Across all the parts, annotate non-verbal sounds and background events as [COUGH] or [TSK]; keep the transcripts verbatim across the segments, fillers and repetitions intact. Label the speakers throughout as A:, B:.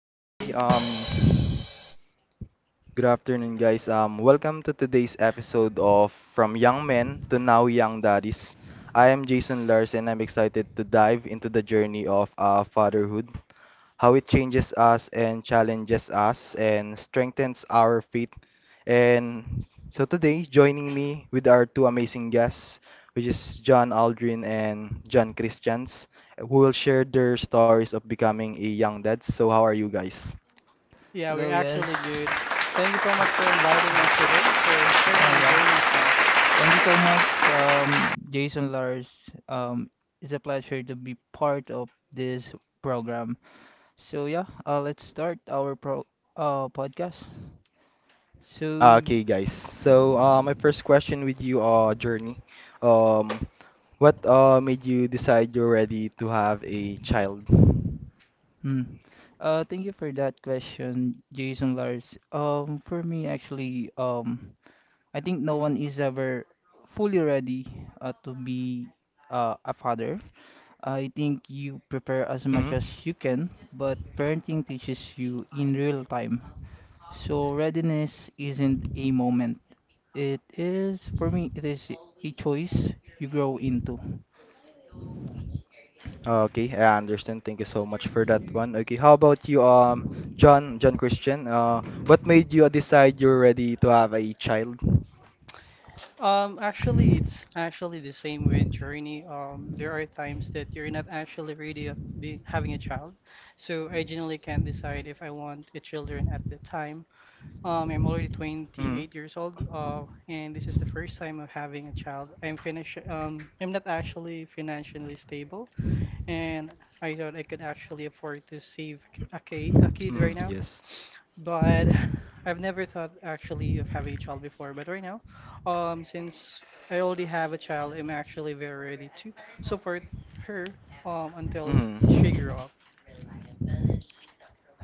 A: Okay, um, good afternoon, guys. Um, welcome to today's episode of From Young Men to Now Young Daddies. I am Jason Lars, and I'm excited to dive into the journey of uh, fatherhood, how it changes us and challenges us and strengthens our faith. And so today, joining me with our two amazing guests, which is John Aldrin and John Christians, who will share their stories of becoming a young dad. So, how are you guys?
B: Yeah, we're
C: Hello,
B: actually, yes, good.
C: yes.
B: Thank you so much for inviting us today, for sharing our,
C: Uh,
B: yeah,
C: yeah.
B: journey as well.
C: Thank you so much, um, Jason Lars. Um, it's a pleasure to be part of this program. So yeah, uh, let's start our pro uh podcast. So,
A: Okay, guys. So, uh, my first question with you, uh, Journey. Um, what uh made you decide you're ready to have a child?
C: hmm. Uh, thank you for that question, Jason Lars. Um, for me, actually, um, I think no one is ever fully ready uh, to be uh, a father. I think you prepare as much
A: hmm
C: as you can, but parenting teaches you in real time. So readiness isn't a moment. It is, for me, it is a choice you grow into.
A: Okay, I understand. Thank you so much for that one. Okay, how about you, um, John, John Christian? Uh, what made you decide you're ready to have a child?
B: Um, actually, it's actually the same with journey. Um, there are times that you're not actually ready of being having a child, so I generally can't decide if I want a children at the time. Um, I'm already
A: hmm
B: twenty-eight years old, uh, and this is the first time of having a child. I'm finish. Um, I'm not actually financially stable, and I thought I could actually afford to save a ki- a kid, a kid right
A: hmm
B: now.
A: Yes.
B: But [SIGHS] I've never thought actually of having a child before. But right now, um, since I already have a child, I'm actually very ready to support her um until sh- she grow
A: hmm
B: up.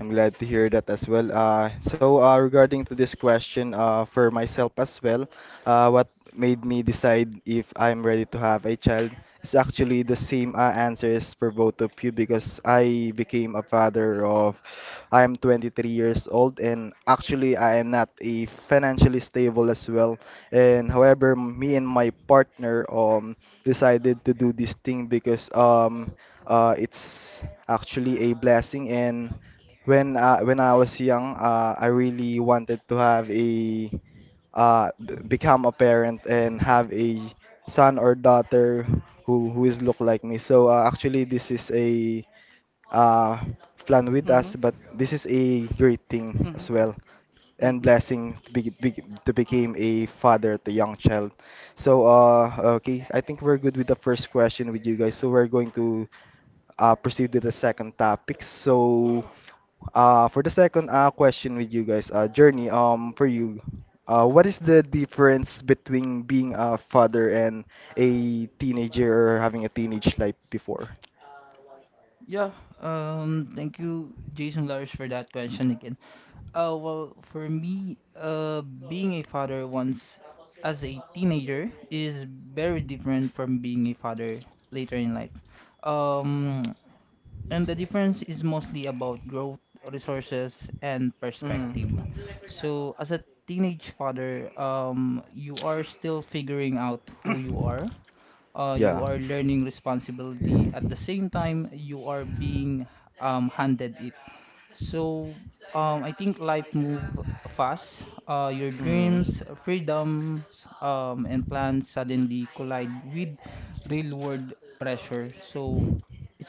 A: I'm glad to hear that as well. Uh, so uh, regarding to this question, uh, for myself as well, uh, what made me decide if I'm ready to have a child is actually the same uh, answers for both of you because I became a father of I am twenty-three years old and actually I am not a financially stable as well. And however, me and my partner um decided to do this thing because um uh it's actually a blessing and when uh, when I was young uh, I really wanted to have a uh b- become a parent and have a son or daughter who who is look like me so uh, actually this is a uh plan with
B: Mhm.
A: us but this is a great thing
B: Mhm.
A: as well and
B: Mhm.
A: blessing to, be, be, to became a father to young child. So, uh, okay, I think we're good with the first question with you guys. So we're going to uh, proceed to the second topic. So, uh, for the second uh, question with you guys, uh, Journey, um, for you, uh, what is the difference between being a father and a teenager or having a teenage life before?
C: Yeah, um, Thank you, Jason Lars, for that question again. Uh, well, for me, uh, being a father once as a teenager is very different from being a father later in life. Um, And the difference is mostly about growth, resources, and
A: Mm.
C: perspective. So, as a teenage father, um, you are still figuring out who you are. Uh,
A: Yeah.
C: you are learning responsibility at the same time you are being um, handed it. So, um, I think life move fast. Uh, your
A: Hmm.
C: dreams, uh, freedoms, um, and plans suddenly collide with real world pressure. So,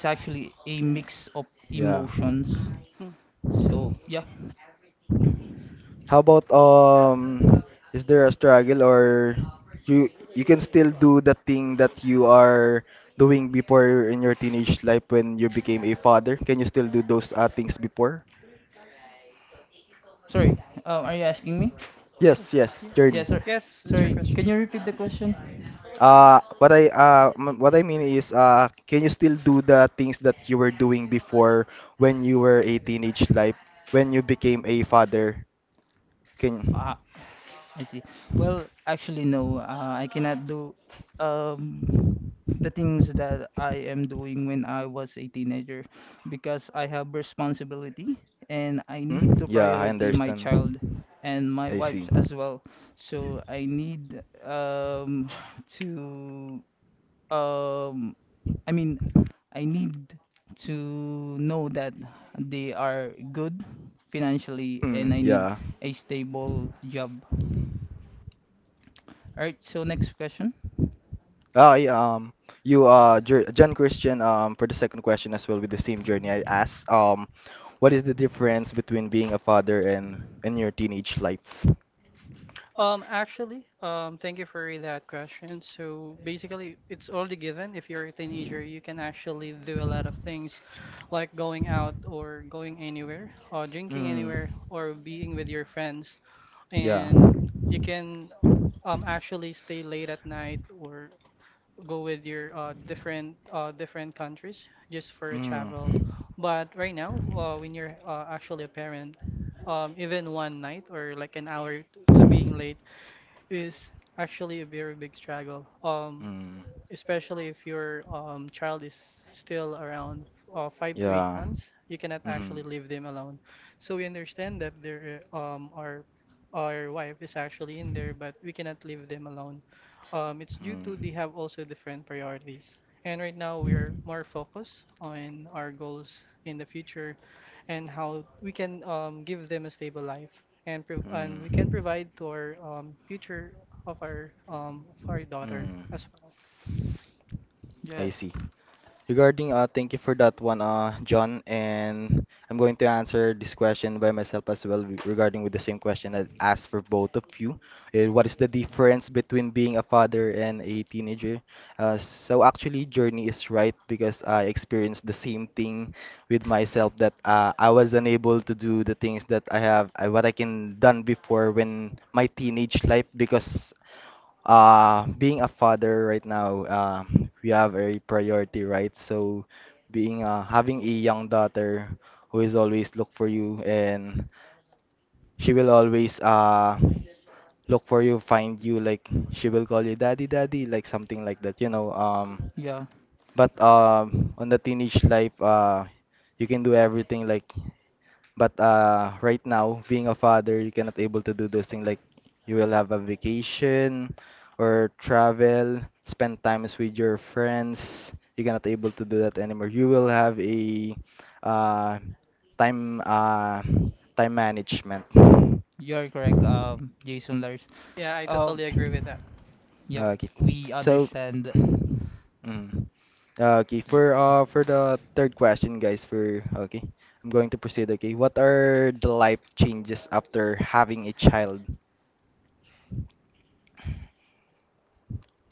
C: it's actually a mix of
A: Yeah.
C: emotions.
B: Mm.
C: So, yeah.
A: How about um is there a struggle or you you can still do the thing that you are doing before in your teenage life when you became a father? Can you still do those uh, things before?
C: Sorry. Um, are you asking me?
A: Yes, yes,
B: Yes.
A: journey.
C: Yeah, sir.
B: Yes, it's your
C: Sorry. Can you
B: question.
C: repeat the question?
A: Uh what I uh m- what I mean is uh can you still do the things that you were doing before when you were a teenage life when you became a father? Can
C: Ah, I see. Well, actually, no. Uh, I cannot do. Um, the things that I am doing when I was a teenager because I have responsibility and I
A: Hmm.
C: need to
A: yeah, I
C: priority my
A: understand.
C: child and
A: I
C: my
A: see.
C: wife as well. So I need um to um I mean I need to know that they are good financially
A: Hmm.
C: and I
A: yeah.
C: need a stable job. Alright, so next question.
A: I um you uh Jer- John Christian um for the second question as well with the same journey I asked um what is the difference between being a father and and your teenage life?
B: Um, actually, um, thank you for that question. So basically, it's already given. If you're a teenager, you can actually do a lot of things, like going out or going anywhere, or drinking
A: Hmm.
B: anywhere, or being with your friends,
A: yeah.
B: and you can um actually stay late at night or go with your uh different uh different countries just for a
A: Hmm.
B: travel. But right now, uh, when you're uh, actually a parent, um, even one night or like an hour t- to being late is actually a very big struggle. Um,
A: Hmm.
B: especially if your um, child is still around uh, five to eight
A: yeah.
B: months, you cannot
A: Hmm.
B: actually leave them alone. So we understand that there, um, our our wife is actually in there, but we cannot leave them alone. Um, it's due
A: Hmm.
B: to they have also different priorities. And right now we are more focused on our goals in the future and how we can um, give them a stable life and pro and
A: Hmm.
B: we can provide to our um, future of our um, of our daughter
A: mm.
B: as well.
A: I
C: Yeah,
A: see. Regarding, uh, thank you for that one, uh, John. And I'm going to answer this question by myself as well, re- regarding with the same question I asked for both of you. Uh, what is the difference between being a father and a teenager? Uh, so actually, Journey is right because I experienced the same thing with myself that uh, I was unable to do the things that I have, I, what I can done before when my teenage life because uh, being a father right now, uh, we have a priority, right? So, being uh, having a young daughter who is always look for you, and she will always uh look for you, find you, like she will call you daddy, daddy, like something like that, you know. Um,
C: yeah,
A: but um, on the teenage life, uh, you can do everything, like but uh, right now, being a father, you cannot able to do those things like you will have a vacation or travel, spend times with your friends. You cannot able to do that anymore. You will have a uh, time uh, time management.
C: you're correct, um, Jason Lars.
B: Yeah, I
C: Uh,
B: totally agree with that.
C: Yep,
A: Okay.
C: we
A: So,
C: understand.
A: mm, okay. For uh for the third question, guys, for okay, I'm going to proceed. Okay, what are the life changes after having a child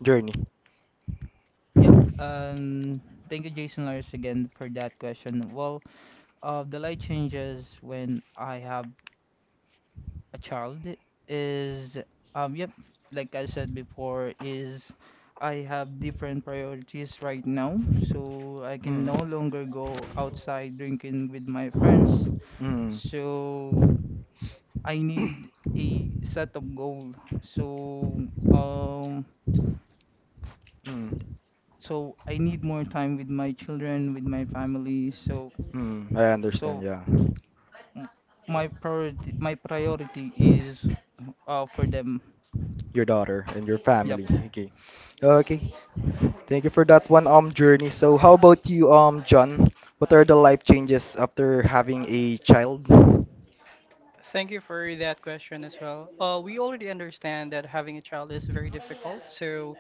A: journey?
C: Yeah, um, Thank you, Jason Lars, again for that question. Well, uh, the light changes when I have a child is, um, yep, like I said before, is I have different priorities right now, so I can
A: Mm.
C: no longer go outside drinking with my friends.
A: Mm,
C: So I need a set of goal. So um
A: mm,
C: so I need more time with my children, with my family. So
A: mm, I understand,
C: so
A: yeah.
C: m- my priority my priority is uh for them.
A: Your daughter and your family.
C: Yep,
A: Okay. Okay. Thank you for that one um journey. So how about you um John? What are the life changes after having a child?
B: Thank you for that question as well. Uh, we already understand that having a child is very difficult. So,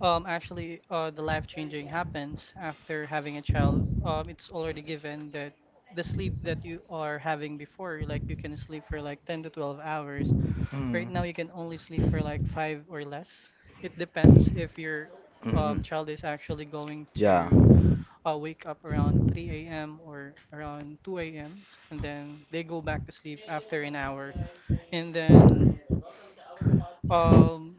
B: um, actually, uh, the life changing happens after having a child. Um, it's already given that the sleep that you are having before, like you can sleep for like ten to twelve hours. Right now,
A: Mm,
B: you can only sleep for like five or less. It depends if your
A: mm,
B: um,
A: mm,
B: child is actually going
A: yeah.
B: to I'll wake up around three a m or around two a m and then they go back to sleep after an hour. And then um,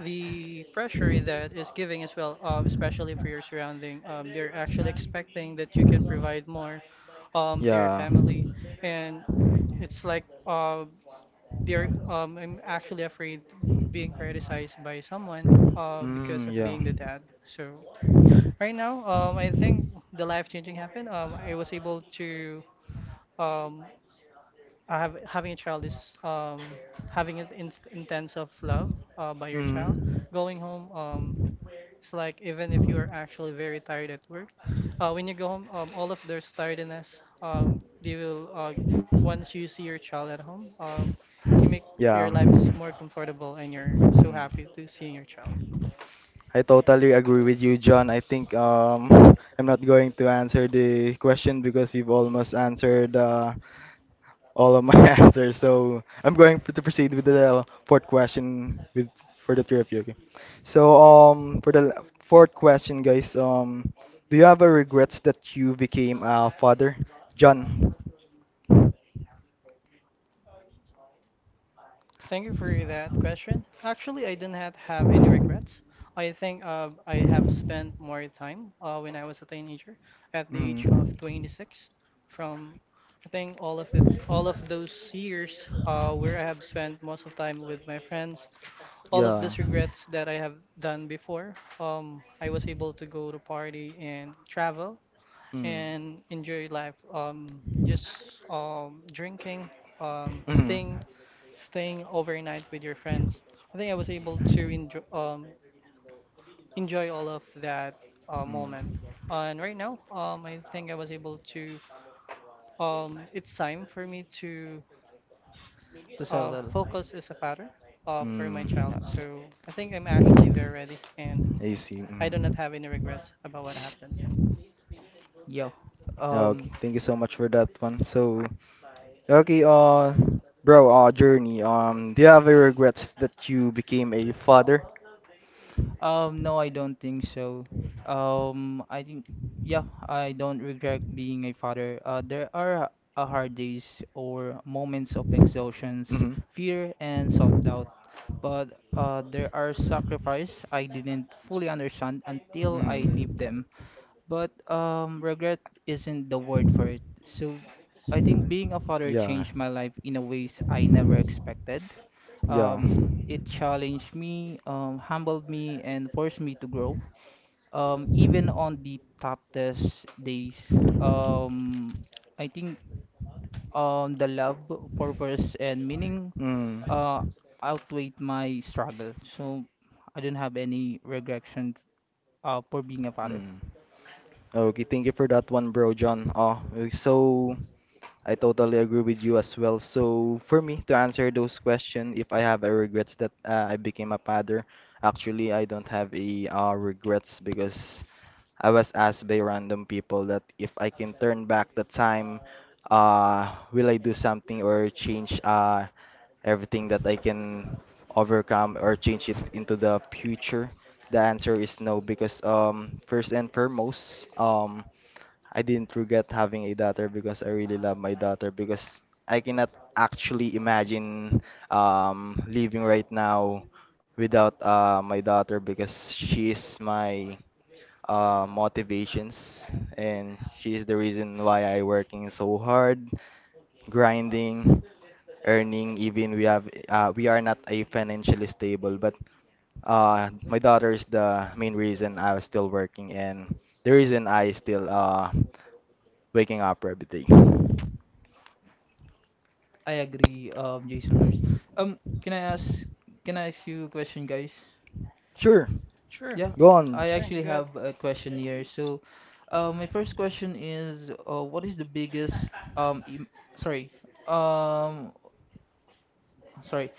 B: the pressure that is giving as well, uh, especially for your surrounding, um, they're actually expecting that you can provide more um, to your
A: Yeah.
B: family. And it's like uh, they're um, I'm actually afraid being criticized by someone uh, because
A: Mm,
B: of
A: yeah.
B: being the dad. So right now, um, I think the life changing happened. Um, I was able to um, I have having a child is um, having an in, intense of love uh, by your child.
A: Mm,
B: Going home, um, it's like even if you are actually very tired at work, uh, when you go home, um, all of their tiredness, um, they will uh, once you see your child at home, um, you make
A: yeah.
B: your life is more comfortable and you're so
A: Mm.
B: happy to seeing your child.
A: I totally agree with you, John. I think um, I'm not going to answer the question because you've almost answered uh, all of my [LAUGHS] answers. So I'm going to proceed with the fourth question with for the three of you. Okay. So um, for the l- fourth question, guys, um, do you have a regrets that you became a father, John?
B: Thank you for that question. Actually, I did not have any regrets. I think uh, I have spent more time uh, when I was a teenager, at the age of
A: Mm.
B: twenty-six. From I think all of it, all of those years uh, where I have spent most of time with my friends, all of
A: Yeah.
B: those regrets that I have done before. Um, I was able to go to party and travel
A: Mm.
B: and enjoy life. Um, just um, drinking, um,
A: Mm.
B: staying,
A: so
B: staying overnight with your friends. I think I was able to enjoy um, enjoy all of that uh,
A: Mm.
B: moment. And right now, um, I think I was able to. Um, it's time for me to
C: to
B: uh,
C: settle.
B: focus as a father uh, for my child.
A: Mm.
C: Yeah.
B: So I think I'm actually very ready, and
A: I see.
B: I do not
A: Mm.
B: have any regrets about what happened.
C: Yeah.
A: Yeah, okay.
C: Um
A: Thank you so like much for that one. So, okay, uh, bro, uh, Journey, um, do you have any regrets that you became a father?
C: um no, I don't think so. Um I think Yeah, I don't regret
A: Mm-hmm.
C: being a father. Uh there are uh, hard days or moments of exhaustions, fear and self-doubt. But uh, there are sacrifices I didn't fully understand until I
A: Mm-hmm.
C: lived them. But um, regret isn't the word for it. So I think being a father
A: Yeah,
C: changed my life in a ways I never expected.
A: yeah.
C: Um, it challenged me, um, humbled me, and forced me to grow. Um, even on the toughest days, um, I think um, the love, purpose, and meaning
A: Mm,
C: uh, outweighed my struggle. So I don't have any regression uh, for being a father.
A: mm. Okay, thank you for that one, bro, John. Uh, so, I totally agree with you as well. So for me to answer those questions, if I have a regrets that uh, I became a father, actually I don't have a uh, regrets because I was asked by random people that if I can turn back the time, uh, will I do something or change uh, everything that I can overcome or change it into the future? The answer is no because um, first and foremost, um, I didn't regret having a daughter because I really love my daughter because I cannot actually imagine um, living right now without uh, my daughter because she is my uh, motivations and she is the reason why I working so hard, grinding, earning even we have uh, we are not a financially stable but uh, my daughter is the main reason I was still working and the reason I still uh, waking up every day.
C: I agree, um, Jason Lars. Um, can I ask, can I ask you a question, guys?
A: Sure,
B: Sure.
C: Yeah,
A: go on.
C: I
B: Sure.
C: actually
B: Good.
C: have a question here. So, uh, my first question is, uh, what is the biggest, um, im sorry, um, sorry,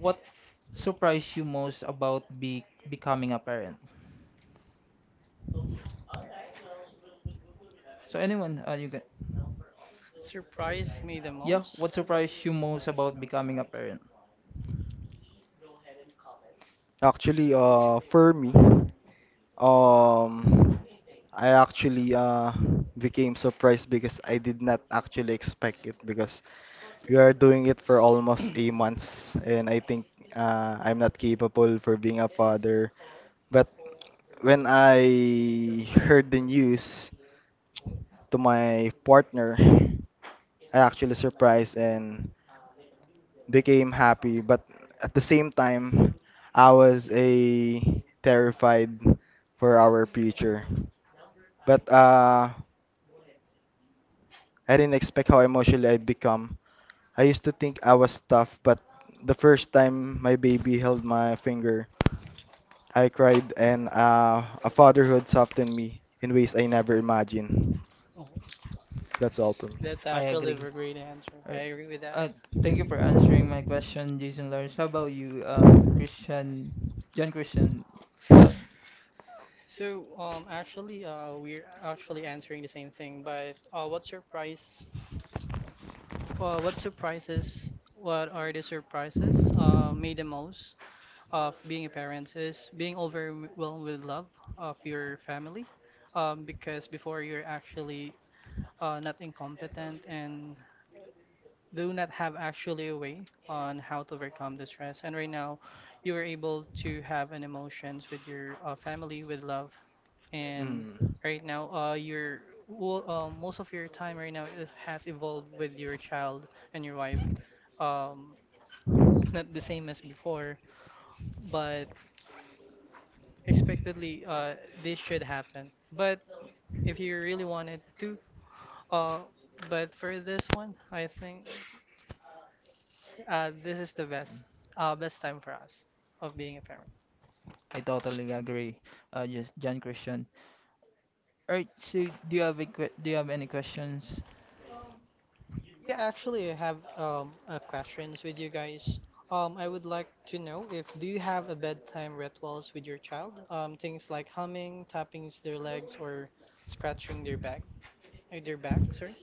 C: what surprised you most about be becoming a parent? So anyone, uh, you can.
B: Surprised me the, yep,
C: Yeah,
B: most?
C: what surprised you most about becoming a parent?
A: Actually, uh, for me, um, I actually uh became surprised because I did not actually expect it because we are doing it for almost a month and I think uh, I'm not capable for being a father. But when I heard the news to my partner I actually surprised and became happy, but at the same time, I was a terrified for our future. But uh, I didn't expect how emotional I'd become. I used to think I was tough, but the first time my baby held my finger, I cried, and uh, a fatherhood softened me in ways I never imagined.
B: Oh,
A: That's all for me.
B: that's
C: I
B: actually
C: agree.
B: a great answer.
C: All
B: I
C: right.
B: agree with that.
C: Uh, Thank you for answering my question, Jason Lawrence. How about you, um, Christian, John Christian? Um,
B: So, um, actually, uh, we're actually answering the same thing, but uh, what surprise, uh, what surprises, what are the surprises, uh, made the most of being a parent is being overwhelmed with love of your family, um, because before you're actually uh, not incompetent and do not have actually a way on how to overcome the stress. And right now, you are able to have an emotions with your uh, family, with love, and
A: Mm.
B: right now, uh, your well, um, most of your time right now it has evolved with your child and your wife. Um, not the same as before, but expectedly, uh, this should happen. But if you really wanted to, uh, but for this one, I think Uh, this is the best uh, best time for us of being a parent.
C: I totally agree. Uh, just John Christian. All right. So, do you have a que- do you have any questions?
B: Yeah, actually, I have um uh, questions with you guys. Um, I would like to know if do you have a bedtime rituals with your child? Um, things like humming, tapping their legs, or scratching their back, uh, their back. Sorry.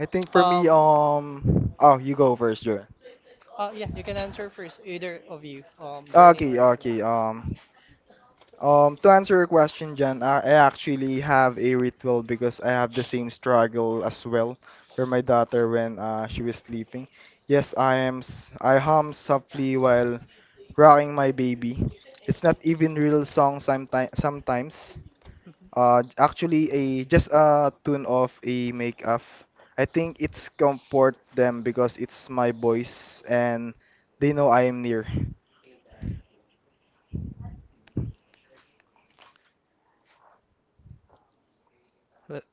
A: I think for me,
B: Um,
A: um, oh, you go first, Jordan.
B: uh, yeah, you can answer first, either of you. Um, Journey
A: Okay,
B: or Lar-
A: okay. Um, um, to answer your question, Jan, I, I actually have a ritual because I have the same struggle as well for my daughter when uh, she was sleeping. Yes, I am. s- I hum softly while rocking my baby. It's not even real song sometimes. Sometimes
B: Mhm.
A: Uh, j- actually, a just a tune of a make up. I think it's comfort them because it's my voice and they know I am near.
C: Well,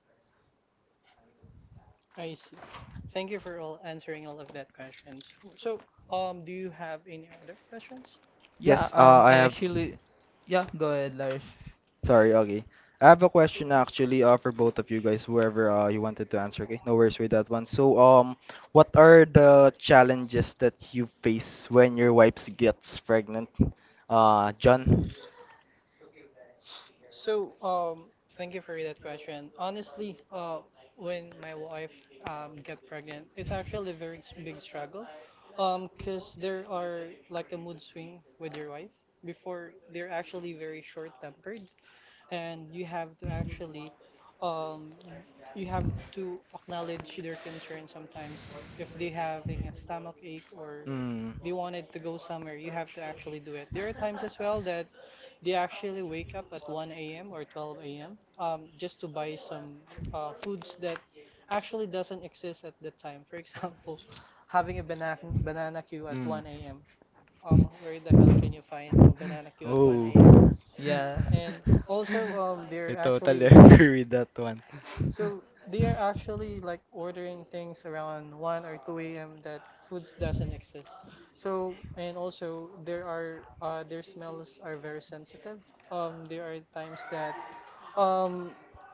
B: I see. Thank you for all answering all of that questions. So, um, do you have any other questions?
A: Yes,
C: yeah.
A: uh,
C: Um,
A: I
C: I
A: have.
C: actually, yeah. Go ahead, Lars.
A: Sorry, okay. I have a question actually uh, for both of you guys, whoever uh, you wanted to answer. Okay, no worries with that one. So, um, what are the challenges that you face when your wife gets pregnant? Uh, John?
B: So, um, thank you for that question. Honestly, uh, when my wife um, got pregnant, it's actually a very s- big struggle, um, because there are like a mood swing with your wife. Before, they're actually very short-tempered, and you have to actually um, you have to acknowledge their concern sometimes if they having a stomach ache or
A: Hmm.
B: they wanted to go somewhere you have to actually do it. There are times as well that they actually wake up at one a.m or twelve a.m um, just to buy some uh, foods that actually doesn't exist at that time, for example [LAUGHS] having a banana banana queue at
A: Mm.
B: one a.m um, where the hell can you find a banana queue at
A: Oh.
B: one a m?
C: Yeah.
B: And also, um,
A: [LAUGHS] I
B: they're
A: totally
B: actually
A: agree with that one.
B: so they are actually like ordering things around one or two a m that food doesn't exist. So and also there are uh, their smells are very sensitive. Um, there are times that um,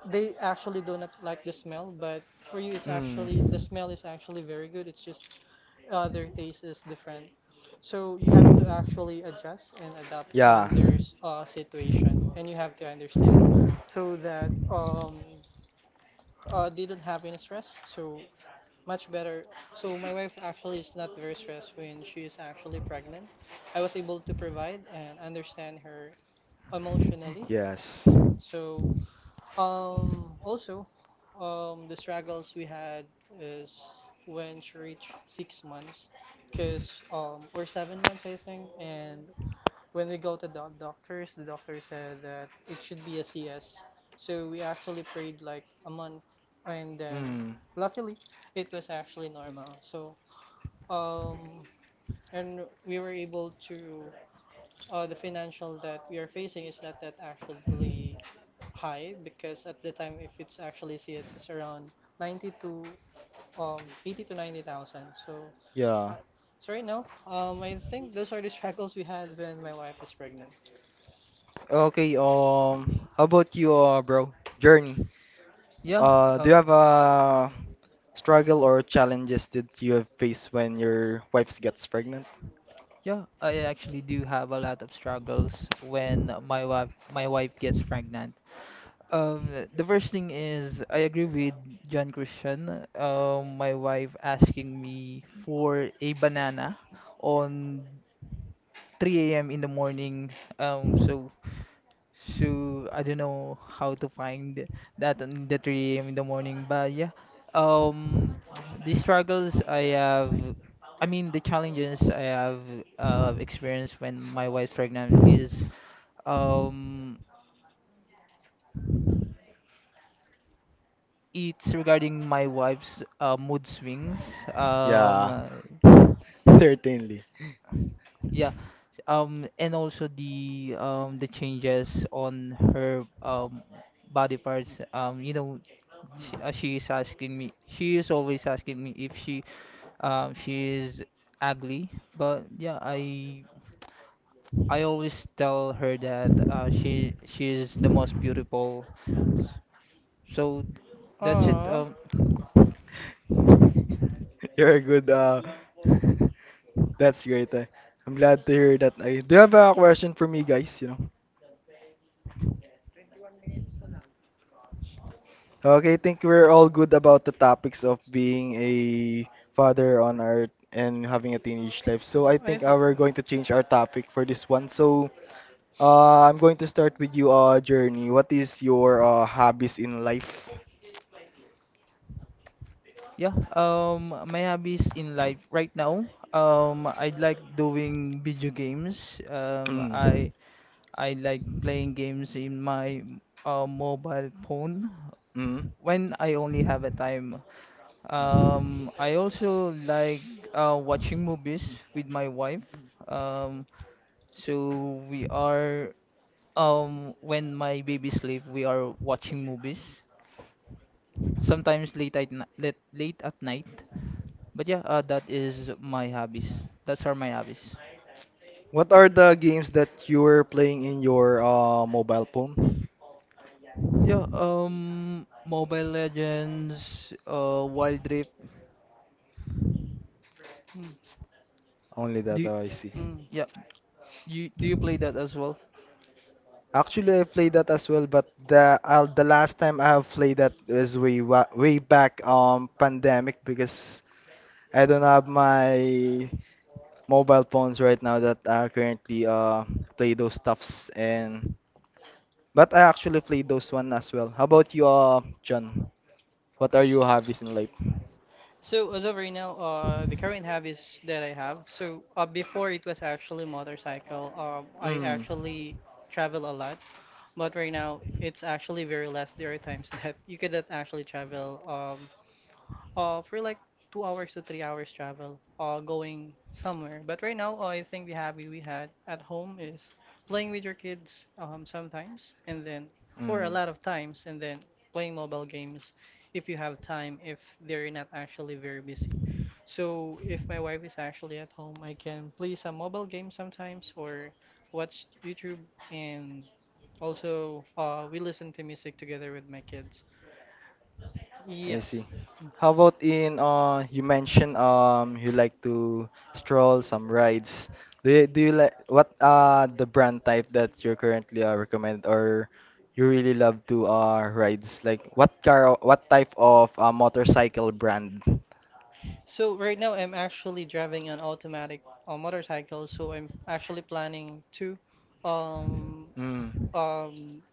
B: they actually do not like the smell, but for you it's actually the
A: Mm.
B: smell is actually very good. It's just other taste is different. So you have to actually adjust and adapt
A: Yeah.
B: on their s- uh, situation, and you have to understand so that um uh, they don't have any stress. So much better. So my wife actually is not very stressed when she is actually pregnant. I was able to provide and understand her emotionally.
A: Yes.
B: So um, also, um, the struggles we had is when she reached six months, cause um, or seven months I think, and when we go to the doctors, the doctor said that it should be a C S. So we actually prayed like a month, and then
A: Mm.
B: luckily it was actually normal. So um, and we were able to uh, the financial that we are facing is not that actually high because at the time, if it's actually C S, it's around ninety to um eighty to ninety thousand. So, uh,
A: Yeah.
B: so right now, um, I think those are the struggles we had when my wife is pregnant.
A: Okay, um, how about you, uh, bro? Journey.
C: Yeah,
A: Uh, do
C: uh,
A: you have a struggle or challenges that you have faced when your wife gets pregnant?
C: yeah, I actually do have a lot of struggles when my wife my wife gets pregnant. Um, the first thing is I agree with John Christian. Um, my wife asking me for a banana on three a m in the morning. Um, so so I don't know how to find that on the three a m in the morning. But yeah, um, the struggles I have, I mean the challenges I have uh, experienced when my wife's pregnant is um it's regarding my wife's uh, mood swings.
A: Yeah,
C: Um,
A: [LAUGHS] certainly.
C: yeah. Um, and also the um the changes on her um body parts. Um, you know, she, uh, she is asking me. She is always asking me if she um she is ugly. But yeah, I I always tell her that uh she she is the most beautiful. So that's it.
B: Aw.
C: Um,
A: [LAUGHS] You're a good, uh, [LAUGHS] that's great. Uh, I'm glad to hear that. I, do you have a question for me, guys? You know? Okay, I think we're all good about the topics of being a father on earth and having a teenage life. So I
B: I
A: think
B: th
A: uh, we're going to change our topic for this one. So uh, I'm going to start with you, uh, Journey. What is your uh, hobbies in life?
C: Yeah, um, my hobbies in life right now, um, I like doing video games. Um,
A: Mm.
C: I I like playing games in my uh, mobile phone
A: Mm.
C: when I only have a time. Um, I also like uh, watching movies with my wife. Um, so we are um when my baby sleep, we are watching movies. Sometimes late at ni- late late at night. But yeah, uh, that is my hobbies. That's are my hobbies.
A: What are the games that you're playing in your uh, mobile phone?
C: Yeah, um, Mobile Legends, uh, Wild Rift.
B: Mm,
A: Only that,
C: Do you,
A: oh, I see.
B: mm.
C: yeah, you do you play that as well?
A: Actually, I played that as well, but the uh, the last time I have played that is way wa- way back um pandemic because I don't have my mobile phones right now that uh, currently uh play those stuffs and but I actually played those one as well. How about you, uh, John? What are your hobbies in life?
B: So as of right now, uh, the current habits that I have. So uh, before it was actually motorcycle. Um, I
A: Mm,
B: actually travel a lot. But right now, it's actually very less. There are times [LAUGHS] that you cannot actually travel um, uh, for like two hours to three hours travel, uh, going somewhere. But right now, uh, I think the hobby we had at home is playing with your kids um, sometimes, and then, or a
A: mm,
B: lot of times, and then playing mobile games if you have time, if they're not actually very busy. So if my wife is actually at home, I can play some mobile games sometimes or watch YouTube and also uh, we listen to music together with my kids.
A: I
B: Yes.
A: see. How about in uh you mentioned um you like to stroll some rides. Do you do you like what uh the brand type that you're currently uh, recommend or you really love to uh rides? Like what car what type of uh, motorcycle brand?
B: So right now I'm actually driving an automatic uh, motorcycle, so I'm actually planning to um
A: Mm.
B: um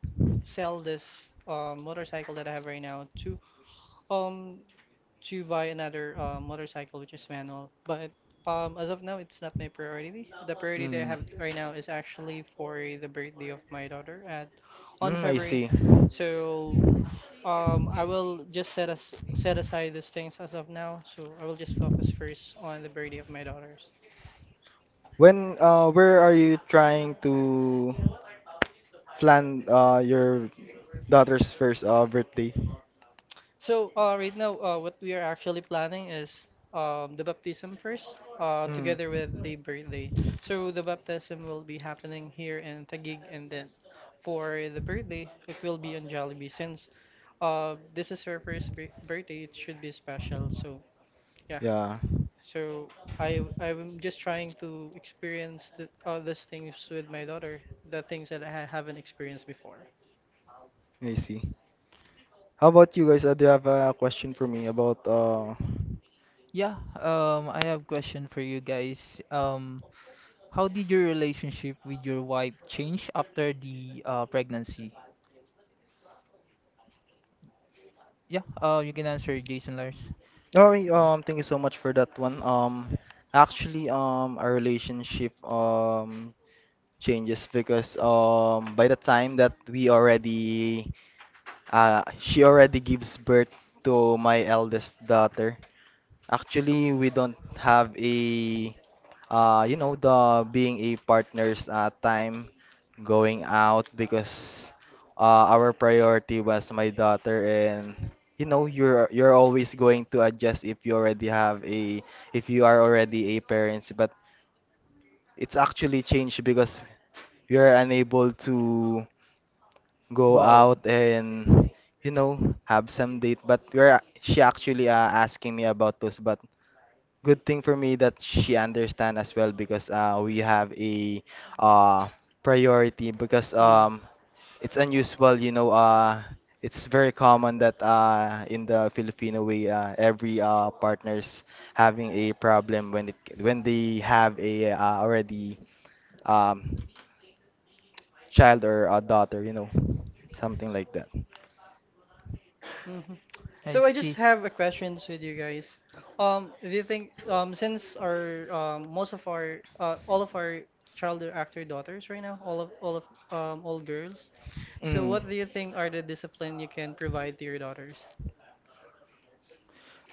B: sell this uh, motorcycle that I have right now to um to buy another uh, motorcycle which is manual. But um as of now it's not my priority. The priority that I
A: Mm.
B: have right now is actually for the birthday of my daughter at on
A: Mm, I
B: February.
A: see.
B: So um, I will just set as set aside those things as of now, so I will just focus first on the birthday of my daughters.
A: When uh where are you trying to plan uh your daughter's first uh birthday?
B: So, uh, right now, uh, what we are actually planning is um, the baptism first, uh,
A: Mm.
B: together with the birthday. So the baptism will be happening here in Taguig, and then for the birthday, it will be on Jollibee. Since uh, this is her first bir- birthday, it should be special. So yeah,
A: Yeah.
B: so I I'm just trying to experience the, all these things with my daughter, the things that I haven't experienced before.
A: I see. How about you guys? Uh, do you have a question for me about uh
C: Yeah, um, I have question for you guys. Um, how did your relationship with your wife change after the uh, pregnancy? Yeah, uh, you can answer, Jason Lars.
A: Oh, wait, um, thank you so much for that one. Um, actually, um, our relationship um changes because um by the time that we already uh she already gives birth to my eldest daughter. Actually, we don't have a uh you know, the being a partners uh time going out, because uh our priority was my daughter, and you know, you're you're always going to adjust if you already have a if you are already a parents, but it's actually changed because you're unable to go
C: Go out.
A: out and, you know, have some date, but we're, she actually uh, asking me about those. But good thing for me that she understand as well, because uh, we have a uh, priority because
B: Mm.
A: um, it's unusual, you know, uh, it's very common that uh, in the Filipino way, uh, every uh, partner's having a problem when it when they have a uh, already um, child or a daughter, you know, something like that.
B: Hmm.
C: I
B: So I just
C: see.
B: have a questions with you guys. Um, do you think um since our um most of our uh, all of our child actor daughters right now, all of all of um all girls. So
A: Mm.
B: what do you think are the discipline you can provide to your daughters?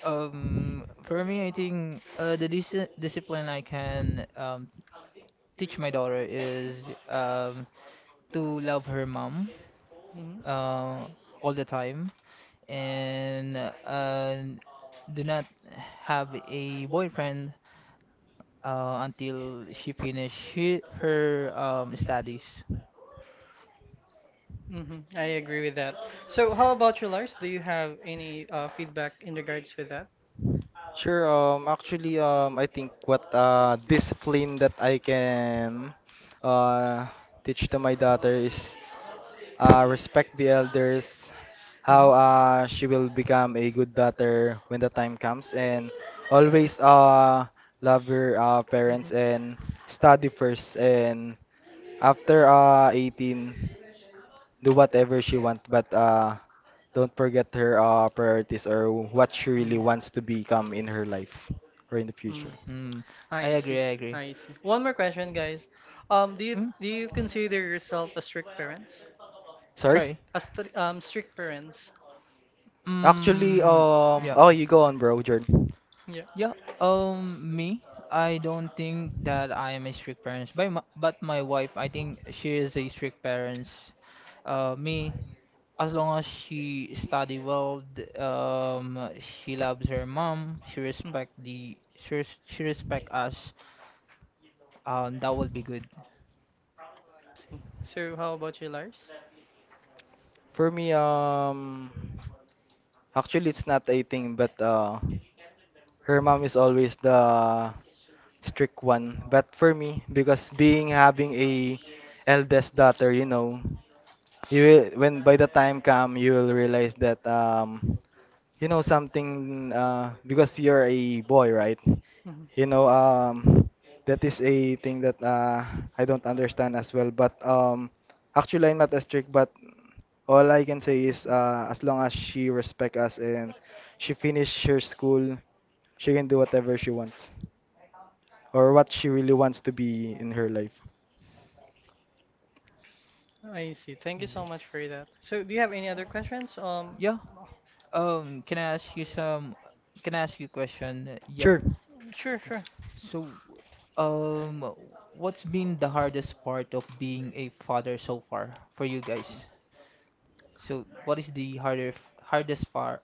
C: Um, for me, I think uh, the dis discipline I can um, teach my daughter is um, to love her mom
B: Mm-hmm.
C: uh, all the time and uh, do not have a boyfriend uh, until she finish he- her um, studies.
B: Mm-hmm. I agree with that. So how about you, Lars? Do you have any uh, feedback in regards with that?
A: Sure, um, actually, um, I think what uh, discipline that I can uh, teach to my daughter is uh, respect the elders,
B: Mhm.
A: how uh, she will become a good daughter when the time comes, and always uh, love her uh, parents,
B: Mhm.
A: and study first. And after uh, eighteen, do whatever she want, but uh, don't forget her uh, priorities or what she really
B: Mhm.
A: wants to become in her life or in the
B: Mm,
A: future.
C: Mm, I
B: I see.
C: agree, I agree.
B: I see. One more question, guys. Um, do you
C: Mm,
B: do you consider yourself a strict parents?
A: Sorry?
C: sorry.
B: A stri um strict parents.
A: Actually,
C: Mm,
A: um,
C: yeah.
A: oh, you go on, bro, Jordan.
B: Yeah.
C: Yeah, um, me, I don't think that I am a strict parent, but my, but my wife, I think she is a strict parents. Uh, me, as long as she study well, d- um, she loves her mom, she
B: Mm.
C: respect the, she, res- she respect us, um, that will be good.
B: See. So how about you, Lars?
A: For me, um, actually, it's not a thing, but uh, her mom is always the strict one. But for me, because being having a eldest daughter, you know, you will, when by the time come, you will realize that um, you know something, uh, because you're a boy, right?
B: Mm-hmm.
A: You know, um, that is a thing that uh, I don't understand as well. But um, actually, I'm not as strict. But all I can say is,
B: Mm-hmm.
A: uh, as long as she respect us and she finish her school, she can do whatever she wants, or what she really wants to be in her life.
B: Oh, I see. Thank you
C: You
B: so
C: see.
B: much for that. So, do you have any other questions? Um,
C: Yeah, um, can I ask you some, can I ask you a question? Yep.
A: Sure.
B: sure, sure.
C: So, um, what's been the hardest part of being a father so far for you guys? So what is the harder f- hardest part?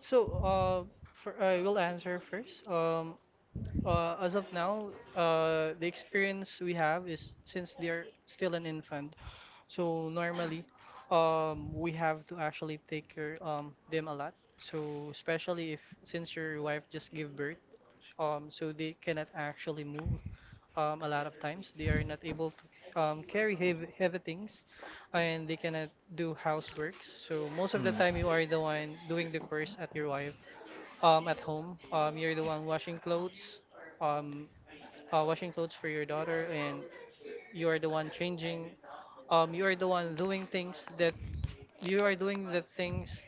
B: So, uh, for I will answer first. Um, uh, as of now, uh, the experience we have is since they are still an infant. So normally, um, we have to actually take care um them a lot. So especially if since your wife just gave birth, um, so they cannot actually move. Um, a lot of times they are not able to um, carry heavy, heavy things and they cannot do housework. So most of the
A: Hmm.
B: time you are the one doing the chores at your wife um, at home. Um, you're the one washing clothes, um, uh, washing clothes for your daughter, and you are the one changing. Um, you are the one doing things that you are doing the things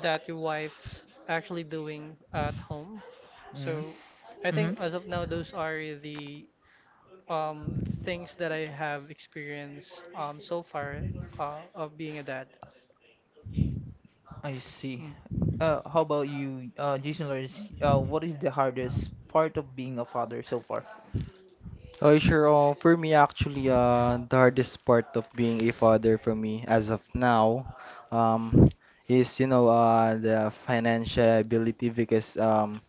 B: that your wife's actually doing at home.
C: Mm-hmm.
B: So I think
C: Mm-hmm.
B: as of now, those are the um, things that I have experienced um, so far uh, of being a dad.
C: I see.
B: Mm.
C: Uh, how about you, uh, Jason Lawrence? Uh, what is the hardest part of being a father so far?
A: Oh, sure. Uh, for me, actually, uh, the hardest part of being a father for me as of now, um, is, you know, uh, the financial ability, because um,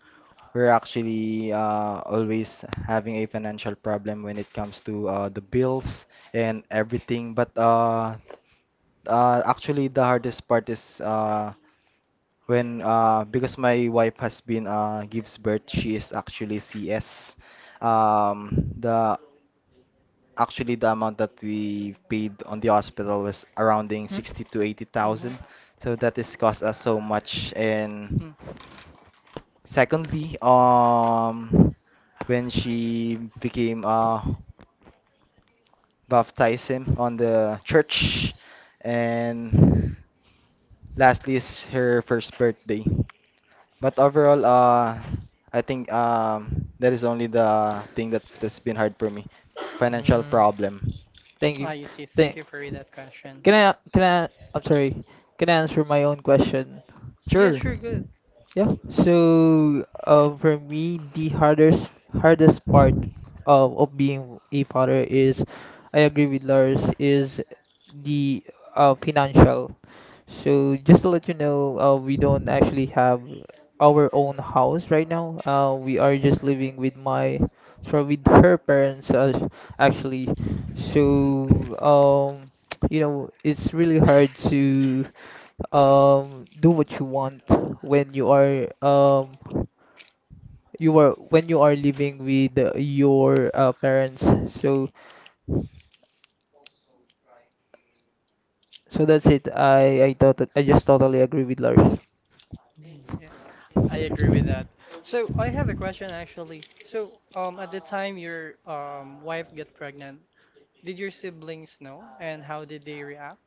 A: we're actually uh, always having a financial problem when it comes to uh, the bills and everything. But uh, uh, actually, the hardest part is uh, when uh, because my wife has been uh, gives birth, she is actually C S. Um, the Actually, the amount that we paid on the hospital was surrounding sixty to
B: Mhm.
A: eighty thousand. So that has cost us so much. And
B: Mm.
A: secondly, um, when she became uh, baptized him on the church. And lastly is her first birthday. But overall, uh, I think um, that is only the thing that, that's been hard for me. Financial
C: Hmm? Mm,
A: problem.
C: thank
B: Ah,
C: you.
B: you see. Thank
C: Thank.
B: you for that question.
C: Can I? Can I? I'm sorry. Can I answer my own question?
B: Yeah,
A: Sure.
B: sure, good.
C: Yeah. So, um, for me, the hardest hardest part of of being a father is, I agree with Lars, is the uh financial. So just to let you know, uh, we don't actually have our own house right now. Uh, we are just living with my, sorry, with her parents, uh, actually. So, um, [TSK] you know, it's really hard to um do what you want when you are um you are when you are living with uh, your uh, parents, so so that's it. I i thought i just totally agree with Lars.
B: Mm, yeah, I agree with that. So I have a question actually. So um, at the time your um, wife got pregnant, did your siblings know, and how did they react?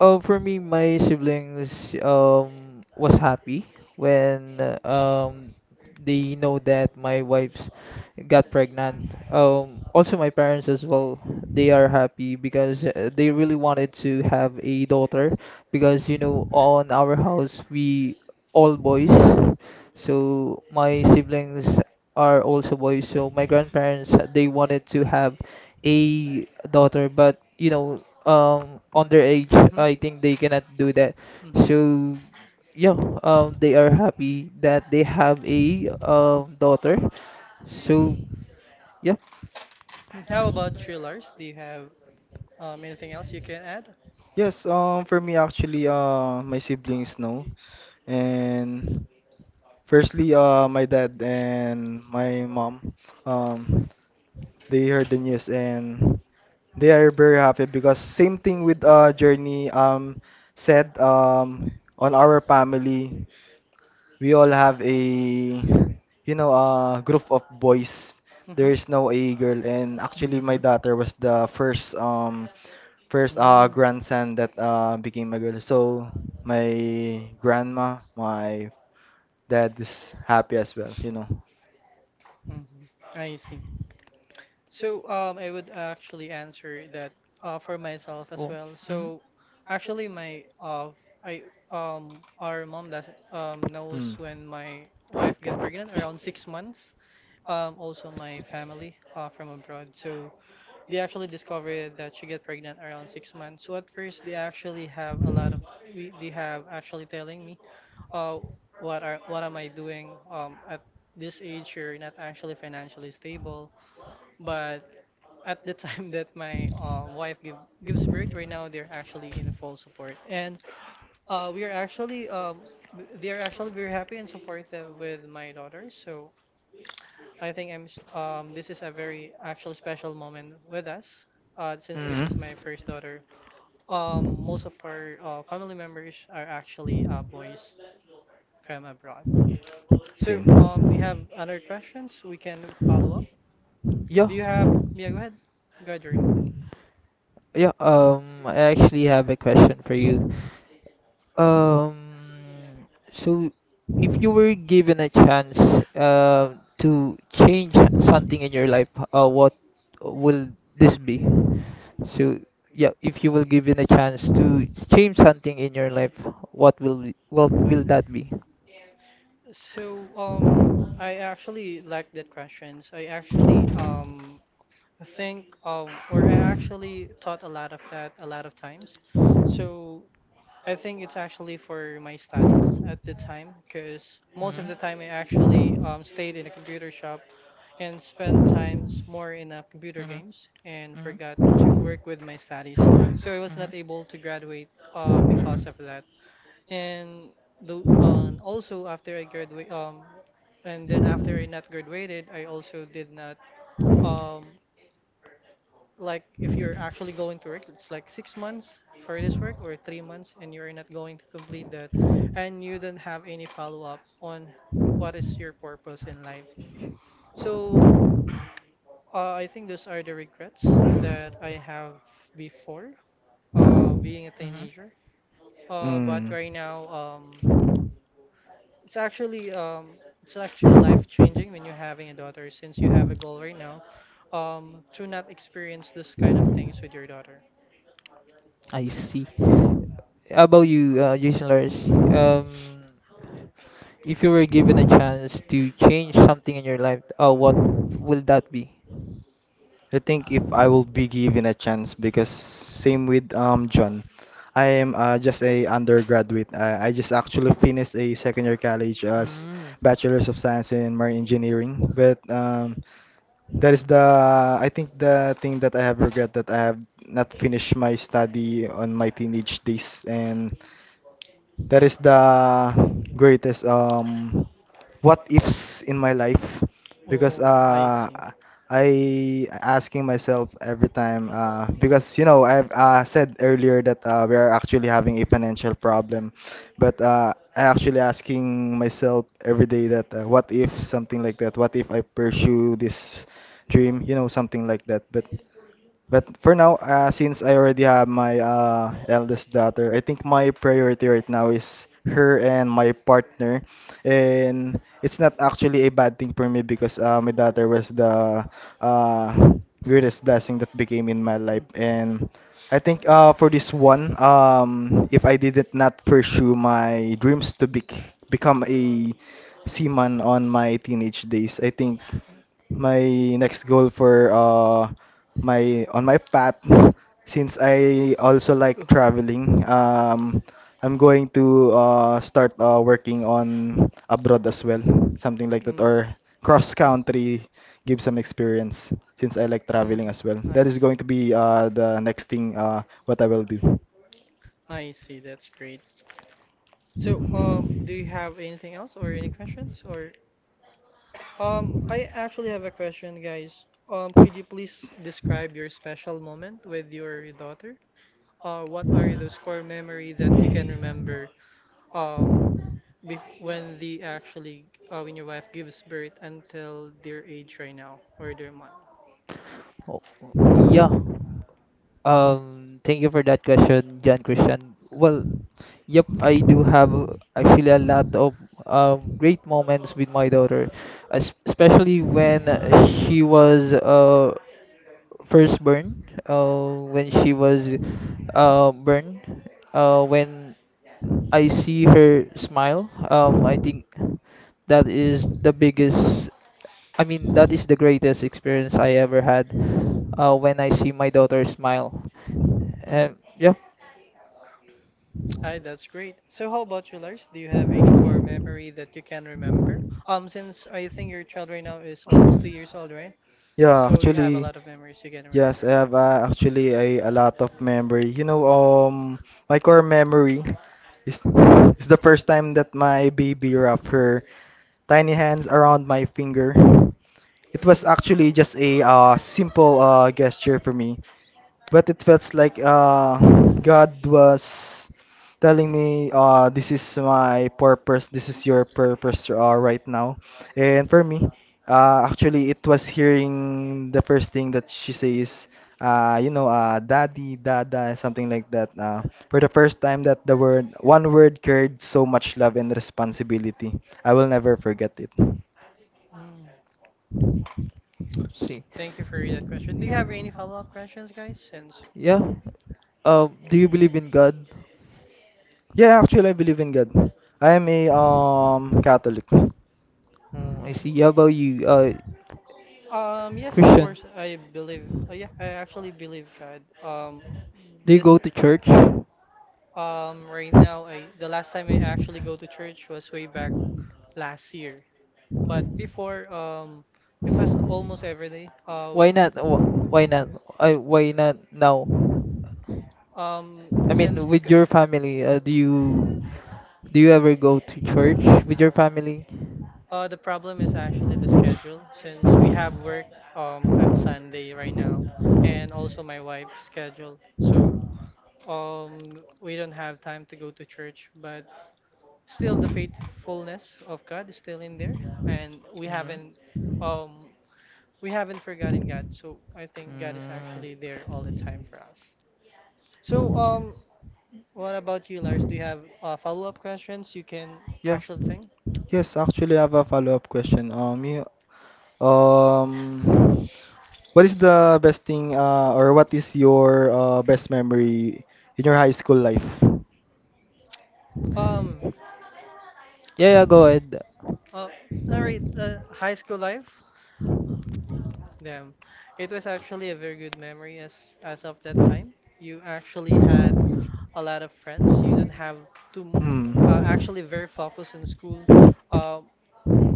C: Uh, for me, my siblings um was happy when uh, um they know that my wife's got pregnant. Um, also my parents as well. They are happy because uh, they really wanted to have a daughter because you know on our house we all boys. So my siblings are also boys. So my grandparents they wanted to have a daughter, but you know um on their age
B: Mhm.
C: I think they cannot do that,
B: Mhm.
C: so yeah, um they are happy that they have a um daughter. So yeah.
B: Mm, how about thrillers? Do you have um, anything else you can add?
A: Yes, um, for me actually, uh, my siblings know, and firstly, uh, my dad and my mom, um, they heard the news and they are very happy, because same thing with uh Journey um said, um on our family we all have a, you know, a group of boys. There
B: Mhm.
A: is no a girl, and actually my
C: hmm
A: daughter was the first um first uh
B: Mm.
A: grandson that uh became a girl. So my grandma, my dad is happy as well, you know.
B: Mhm. I see. So um, I would actually answer that uh, for myself as
C: oh
B: well.
C: hmm
B: So actually, my uh, I um, our mom does um, knows
A: Mm.
B: when my wife get pregnant around six months. Um, also my family uh, from abroad. So they actually discovered that she get pregnant around six months. So at first they actually have a lot of we they have actually telling me, uh, what are what am I doing? Um, at this age you're not actually financially stable. But at the time [LAUGHS] that my um, wife give, gives birth, right now they're actually in full support, and uh, we are actually um, they are actually very happy and supportive with my daughter. So I think I'm s- um this is a very actual special moment with us uh since this is my first daughter. Um most of our uh, family members are actually uh, boys from abroad. So um do you have other questions we can follow up?
C: yeah,
B: Do you have yeah go ahead. Go ahead, Jordan.
C: yeah um I actually have a question for you. Um, so if you were given a chance uh, to change something in your life, uh, what will this be? So yeah, if you were given a chance to change something in your life, what will be, what will that be?
B: So, um, I actually like that questions. I actually um think um or I actually thought a lot of that a lot of times. So, I think it's actually for my studies at the time, because most
C: hmm
B: of the time I actually um, stayed in a computer shop and spent
C: hmm
B: times more in uh, computer games and forgot to work with my studies. So I was
C: hmm
B: not able to graduate uh,
C: hmm hmm
B: because of that. And though, uh, also after I graduate, um, and then after I not graduated, I also did not um, like if you're actually going to work, it's like six months for this work or three months, and you're not going to complete that, and you don't have any follow up on what is your purpose in life. So uh, I think those are the regrets that I have before uh, being a
C: Mm-hmm.
B: teenager. Uh, but right now, um, it's actually um, it's actually life changing when you're having a daughter, since you have a goal right now um, to not experience this kind of things with your daughter.
C: I see. How about you, uh, Jason Lars? Um, if you were given a chance to change something in your life, uh, what will that be?
A: I think if I will be given a chance, because same with um John, I am uh, just a undergraduate. I, I just actually finished a second year college as
C: Mm.
A: Bachelor's of Science in Marine Engineering. But um, that is the I think the thing that I have regret that I have not finished my study on my teenage days, and that is the greatest um what ifs in my life, because
B: Oh, I
A: uh
B: see.
A: I asking myself every time, uh because you know, I've uh, said earlier that uh, we are actually having a financial problem, but uh I actually asking myself every day that uh, what if something like that, what if I pursue this dream, you know, something like that. But but for now, uh, since I already have my uh, eldest daughter, I think my priority right now is her and my partner. And it's not actually a bad thing for me, because uh, my daughter was the uh, weirdest blessing that became in my life.
B: Mm.
A: And I think uh, for this one, um, if I did not pursue my dreams to be become a seaman on my teenage days, I think my next goal for uh my on my path, since I also like
B: Oh.
A: traveling, um I'm going to uh start uh working on abroad as well, something like that,
B: Mm.
A: or cross country, give some experience. Since I like
B: Mm.
A: traveling
B: Mhm.
A: as well, that
B: I
A: is going
B: see.
A: to be uh the next thing uh what I will do.
B: I see. That's great. So, um, do you have anything else or any questions? Or um, I actually have a question, guys. Um, could you please describe your special moment with your daughter? Uh, what are those core memory that you can remember um, bef when the actually uh, when your wife gives birth until their age right now or their month?
C: Oh, oh, yeah. Um, thank you for that question, John Christian. Well, yep, I do have uh, actually a lot of um, great moments with my daughter, es- especially when uh, she was uh, first burn uh, when she was uh, burned. Uh, when I see her smile, um, I think that is the biggest, I mean, that is the greatest experience I ever had uh, when I see my daughter smile.
B: Hmm.
C: And yeah,
B: Aye, that's great. So how about you, Lars? Do you have any core memory that you can remember? Um, since I think your child right now is almost two years old, right?
A: Yeah,
B: So you have a
A: actually.
B: lot of memories you can
A: Yes,
B: remember.
A: I have uh, actually a, a lot of memory. You know, um, my core memory is is the first time that my baby wrapped her tiny hands around my finger. It was actually
B: Mhm.
A: just a uh, simple uh, gesture for me, but it felt like uh, God was telling me, uh, "This is my purpose. This is your purpose uh, right now." And for me, uh, actually, it was hearing the first thing that she says, uh, you know, uh, "Daddy, Dada," something like that. Uh, for the first time, that the word, one word, carried so much love and responsibility. I will never forget it.
B: Mm.
C: see.
B: Thank you for that question. Do you have any follow-up questions, guys? Since
C: Yeah. Um, do you believe in God?
A: Yeah, actually, I believe in God. I am a um Catholic.
C: Mm, I see. How
B: mm.
C: about you, uh,
B: Um, yes, of
C: Christian?
B: course. I believe. Uh, yeah, I actually believe God. Um,
C: Do you
B: this.
C: go to church?
B: Um, right now, I the last time I actually go to church was way back last year. But before, um, it was almost every day. Uh,
C: Why not? Wh- Why not? I Why not now?
B: um,
C: I
B: since
C: mean, with
B: because
C: your family, uh, do you do you ever go to church with your family?
B: uh, the problem is actually the schedule. Since we have work um at Sunday right now, and also my wife's schedule, so um we don't have time to go to church. But still the faithfulness of God is still in there, and we
C: Mm.
B: haven't um we haven't forgotten God. So I think God is
C: Mm.
B: actually there all the time for us. So um, what about you, Lars? Do you have uh, follow-up questions you can
C: Yeah.
B: actually think?
A: Yes, actually, I have a follow-up question. Um, you, um, what is the best thing, uh, or what is your uh, best memory in your high school life?
B: Um,
C: Yeah, yeah, go ahead.
B: uh, all right, uh, high school life. Damn, it was actually a very good memory as as of that time. You actually had a lot of friends. You didn't have to uh,
A: Hmm.
B: actually very focused in school. Uh,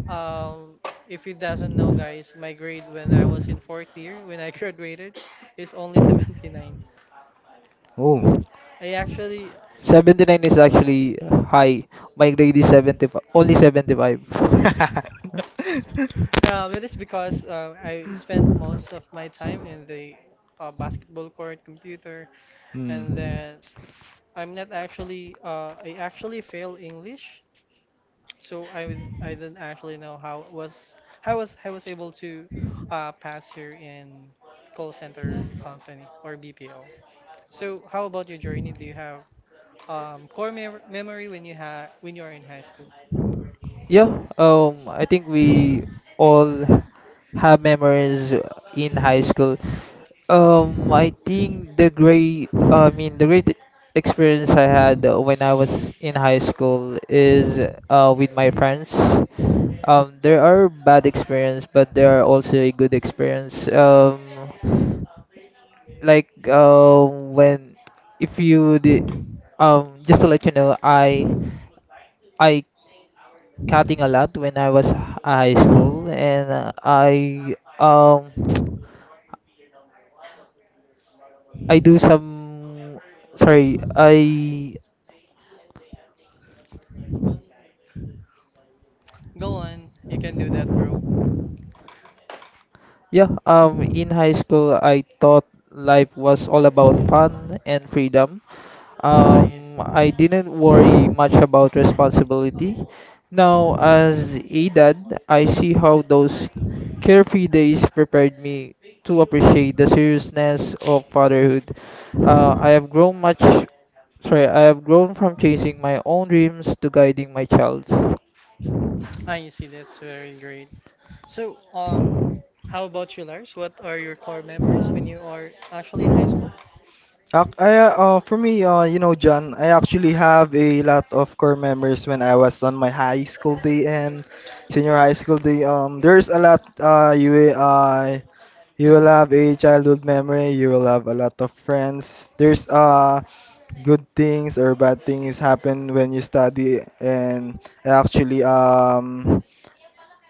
B: Um, if you doesn't know, guys, my grade when I was in fourth year, when I [LAUGHS] graduated, is only seventy-nine.
A: Oh.
B: I actually,
C: seventy nine is actually high. My grade is seventy five. Only seventy five. [LAUGHS]
B: [LAUGHS] um, it is because uh, I spent most of my time in the uh, basketball
A: [LAUGHS]
B: court, computer, and
A: Hmm.
B: then I'm not actually, uh, I actually fail English, so I would- I didn't actually know how was how was I was able to uh, pass here in call center company or B P O. So how about your journey? Do you have um, core mem memory when you ha when you're in high school?
C: Yeah, um, I think we all have memories in high school. Um, I think the great, I mean, the great experience I had uh, when I was in high school is uh, with my friends. Um, there are bad experience, but there are also a good experience. Um, like uh, when if you did, um, just to let you know, I I cutting a lot when I was high school, and uh, I um [TSK] I do some sorry I
B: Go on, you can do that, bro.
C: yeah um in high school I thought life was all about fun and freedom.
B: Ah, yeah.
C: Um, I didn't worry much about responsibility. Now, as a dad, I see how those carefree days prepared me to appreciate the seriousness of fatherhood. Uh, I have grown much, sorry, I have grown from chasing my own dreams to guiding my child's.
B: Ah, you see, that's very great. So, um, how about you, Lars? What are your core memories when you are actually in high school?
A: Ac- I, uh, uh, for me, uh, you know, John, I actually have a lot of core memories when I was on my high school day and senior high school day. Um, there's a lot. Uh, you will, uh, you will have
B: Mm-hmm.
A: a childhood memory. You will have a lot of friends. There's uh, good things or bad things happen when you study, and I actually um,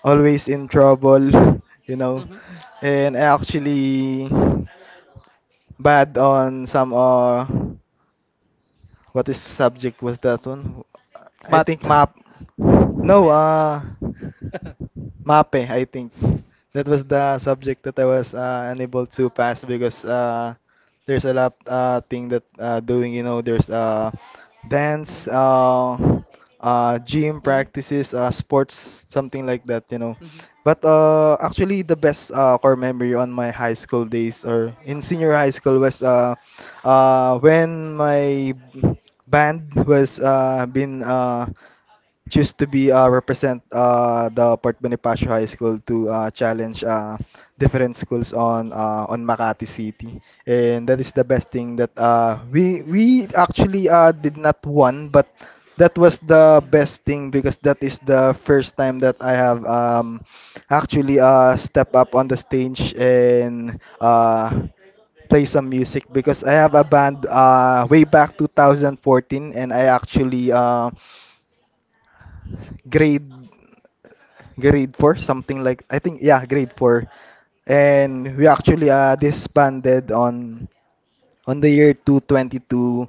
A: always in trouble. [LAUGHS] You know,
B: Mm-hmm.
A: and I actually bad on some uh what is subject was that one? I
C: Matt,
A: think map. No,
B: Math.
A: uh
B: [LAUGHS]
A: MAPE, I think. That was the subject that I was uh, unable to pass, because uh, there's a lot uh, thing that uh, doing, you know, there's uh, dance, uh, uh, gym
B: Mm-hmm.
A: practices, uh, sports, something like that, you know.
B: Mm-hmm.
A: But uh, actually, the best uh, core memory on my high school days or in senior high school was uh, uh, when my band was uh, been uh, choose to be uh, represent uh, the Port Bonifacio High School to uh, challenge uh, different schools on uh, on Makati City, and that is the best thing that, uh, we we actually uh, did not won, but that was the best thing,
B: Mm-hmm.
A: because that is the first time that I have um, actually uh, step up on the stage and uh, play some music, because I have a band uh, way back two thousand fourteen, and I actually uh, grade grade four, something like, I think, yeah, grade four, and we actually uh, disbanded on on the year two twenty two,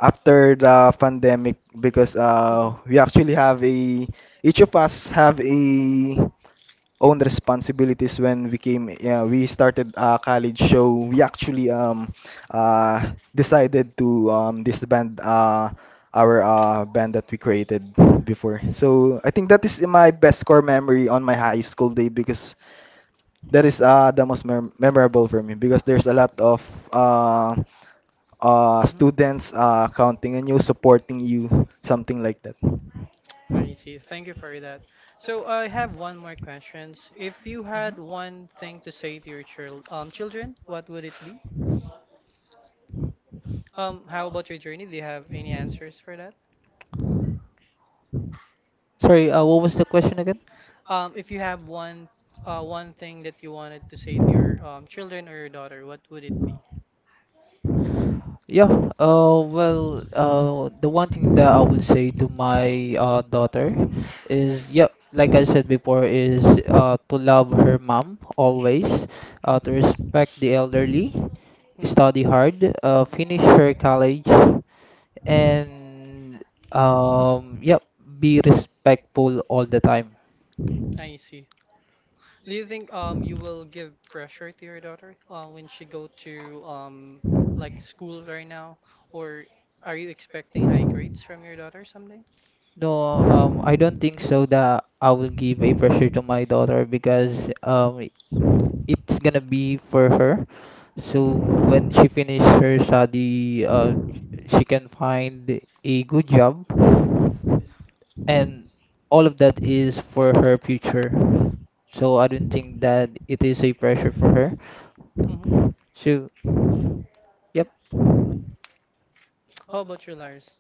A: after the pandemic, because
B: Mm-hmm.
A: uh we actually have a, each of us have a own responsibilities. When we came, yeah, we started a college show, we actually um uh decided to um disband uh our uh band that we created before. So I think that is my best core memory on my high school day, because that is uh the most mem- memorable for me, because there's a lot of uh uh
B: Mm-hmm.
A: students uh counting on you, supporting you, something like that.
B: I see. Thank you for that. So uh, I have one more questions. If you had one thing to say to your chil um children, what would it be? Um, how about your journey? Do you have any answers for that?
C: sorry, uh, what was the question again?
B: Um, if you have one uh, one thing that you wanted to say to your um, children or your daughter, what would it be?
C: Yeah, uh, well, uh, the one thing that I would say to my uh, daughter is, yep, like I said before, is uh, to love her mom always, uh, to
B: Mhm.
C: respect the elderly, study
B: Mhm.
C: hard, uh, finish her college, and um, yep, be respectful all the time.
B: I see. Do you think um you will give pressure to your daughter uh, when she go to um like school right now, or are you expecting high grades from your daughter someday?
C: No, um, I don't think so that I will give a pressure to my daughter because um, it's gonna be for her.
B: Mhm.
C: So when she finish her study, uh, she can find a good job, and all of that is for her future. So I don't think that it is a pressure for her.
B: Mm-hmm.
C: So, yep.
B: How about you, Lars?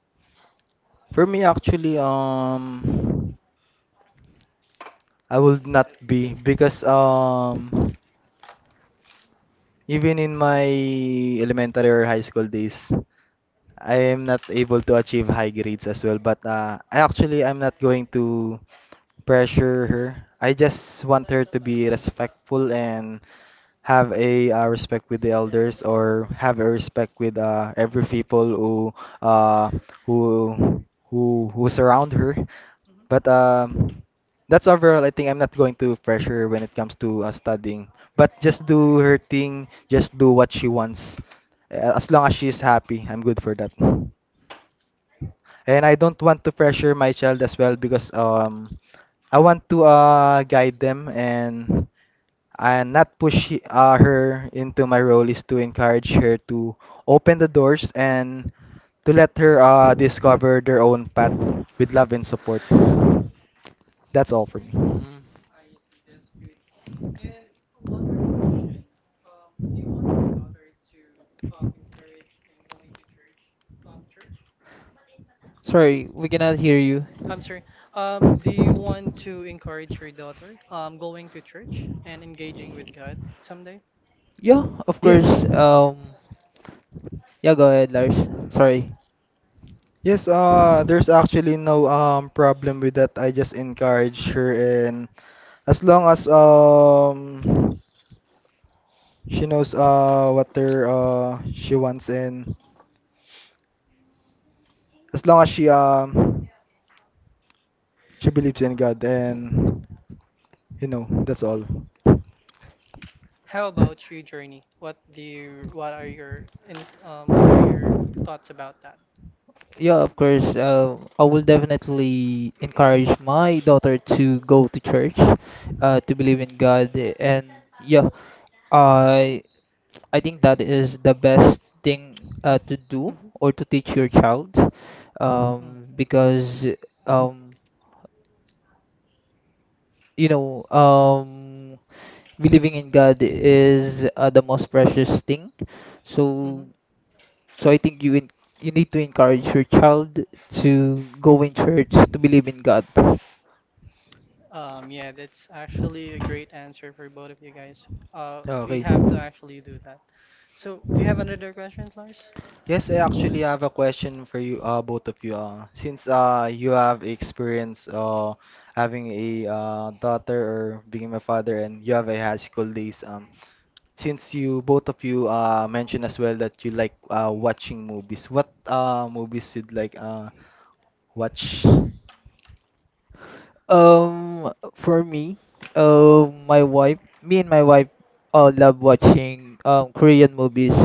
A: For me actually, um I would not be, because um even in my elementary or high school days, I am not able to achieve high grades as well. But uh, I actually I'm not going to pressure her. I just want her to be respectful and have a uh, respect with the elders, or have a respect with uh, every people who uh who who who surround her. But um, that's overall. I think I'm not going to pressure her when it comes to uh, studying. But just do her thing. Just do what she wants. Uh, As long as she's happy, I'm good for that. And I don't want to pressure my child as well, because um, I want to uh, guide them, and and not push he- uh, her. Into my role is to encourage her to open the doors, and to let her uh, discover their own path with love and support. That's all for me.
C: Mm. Sorry, we cannot hear you.
B: I'm sorry. Um, do you want to encourage your daughter um going to church and engaging with God someday?
C: Yeah, of
A: Yes.
C: course. Um, yeah, go ahead, Lars. Sorry.
A: Yes, uh there's actually no um problem with that. I just encourage her, and as long as um she knows uh what her uh she wants, and as long as she um she believes in God and you know, that's all.
B: How about you, Journey? What do you, what are your in, um, what are your thoughts about that?
C: Yeah, of course. Uh, I will definitely encourage my daughter to go to church, uh, to believe in God, and yeah, I I think that is the best thing uh, to do
B: Hmm.
C: or to teach your child,
B: Mm.
C: um, because um, you know, um, believing in God is uh, the most precious thing.
B: Hmm.
C: So, so I think you in, you need to encourage your child to go in church to believe in God.
B: Um, yeah, that's actually a great answer for both of you guys. Uh, we
A: Okay.
B: have to actually do that. So, do you have another question, Lars?
A: Yes, I actually have a question for you, uh, both of you. Uh, since uh, you have experience, uh, having a uh, daughter or being a father, and you have a high school days. Um, since you both of you uh, mentioned as well that you like uh, watching movies, what uh, movies you'd like uh, watch?
C: Um, for me, um, my wife, me and my wife, uh, love watching um Korean movies,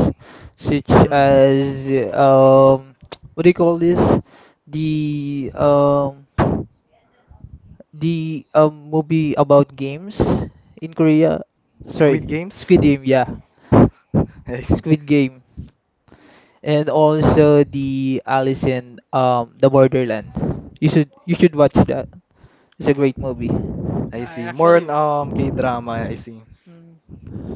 C: such
A: Mm,
C: as um, [TSK] what do you call this? The um, the um movie about games in Korea. Sorry,
A: Squid Games?
C: Squid Game.
A: [LAUGHS]
C: Yeah,
A: I see.
C: Squid Game, and also the Alice in um the Borderland. You should you should watch that. It's a great movie.
A: I
B: Yeah, I
A: see. More
B: actually.
A: on um,
B: Mm.
A: K-drama. I see.
B: Mm.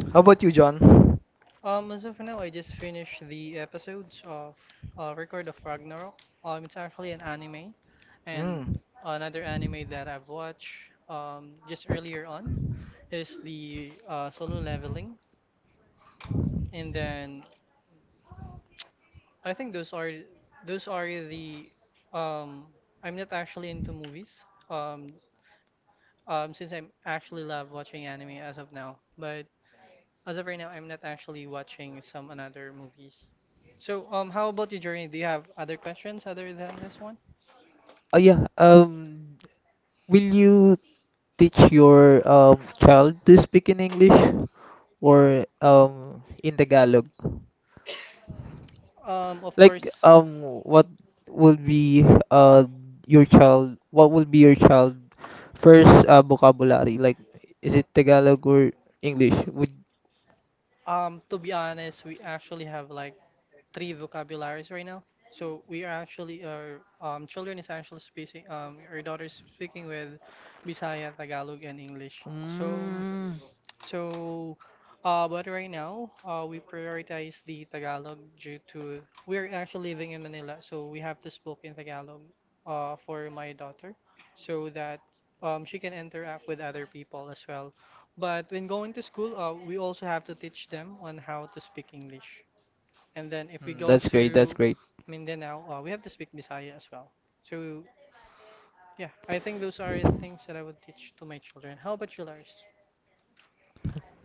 A: How about you, John?
B: Um, as of now, I just finished the episodes of uh, Record of Ragnarok. Um, it's actually an anime, and
A: Mm.
B: another anime that I've watched um, just earlier on is the uh, Solo Leveling, and then I think those are those are the um, I'm not actually into movies um, um, since I'm actually love watching anime as of now, but as of right now, I'm not actually watching some another movies. So, um, how about you, Journey? Do you have other questions other than this one?
C: Oh yeah. Um. Will you teach your um, child to speak in English or um, in Tagalog?
B: Um, of
C: Like
B: course,
C: um, what would be uh, your child? What would be your child first uh, vocabulary? Like is it Tagalog or English? Would
B: um, to be honest, we actually have like three vocabularies right now. So we are actually our um, children is actually speaking um our daughter is speaking with Bisaya, Tagalog, and English. So
C: mm,
B: so, uh, but right now, uh, we prioritize the Tagalog due to we're actually living in Manila, so we have to speak in Tagalog, uh, for my daughter, so that um, she can interact with other people as well. But when going to school, uh, we also have to teach them on how to speak English. And then if we
C: mm,
B: go
C: that's great. That's
B: to
C: great.
B: Mindanao, uh, we have to speak Bisaya as well. So, yeah, I think those are the things that I would teach to my children. How about you, Lars?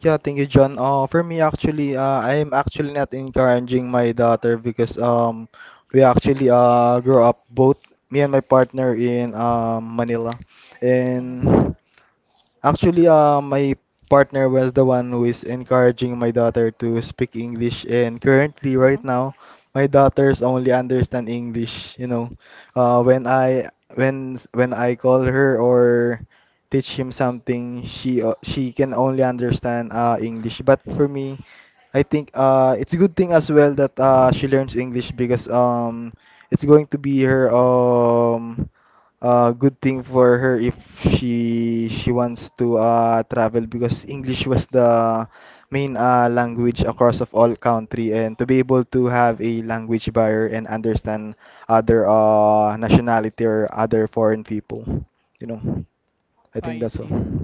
A: Yeah, thank you, John. Uh, for me, actually, uh, I'm actually not encouraging my daughter because um, we actually uh grew up both me and my partner in um Manila,
B: Hmm.
A: and actually, uh, my partner was the one who is encouraging my daughter to speak English, and currently, right
B: Hmm.
A: now, my daughters only understand English. You know, uh, when I when when I call her or teach him something, she o- she can only understand uh English. But for me, I think uh it's a good thing as well that uh she learns English, because um it's going to be her um uh good thing for her if she she wants to uh travel, because English was the main uh language across of all country, and to be able to have a language barrier and understand other uh nationality or other foreign people, you know. I think
B: I
A: that's all.
B: see.
C: Mm,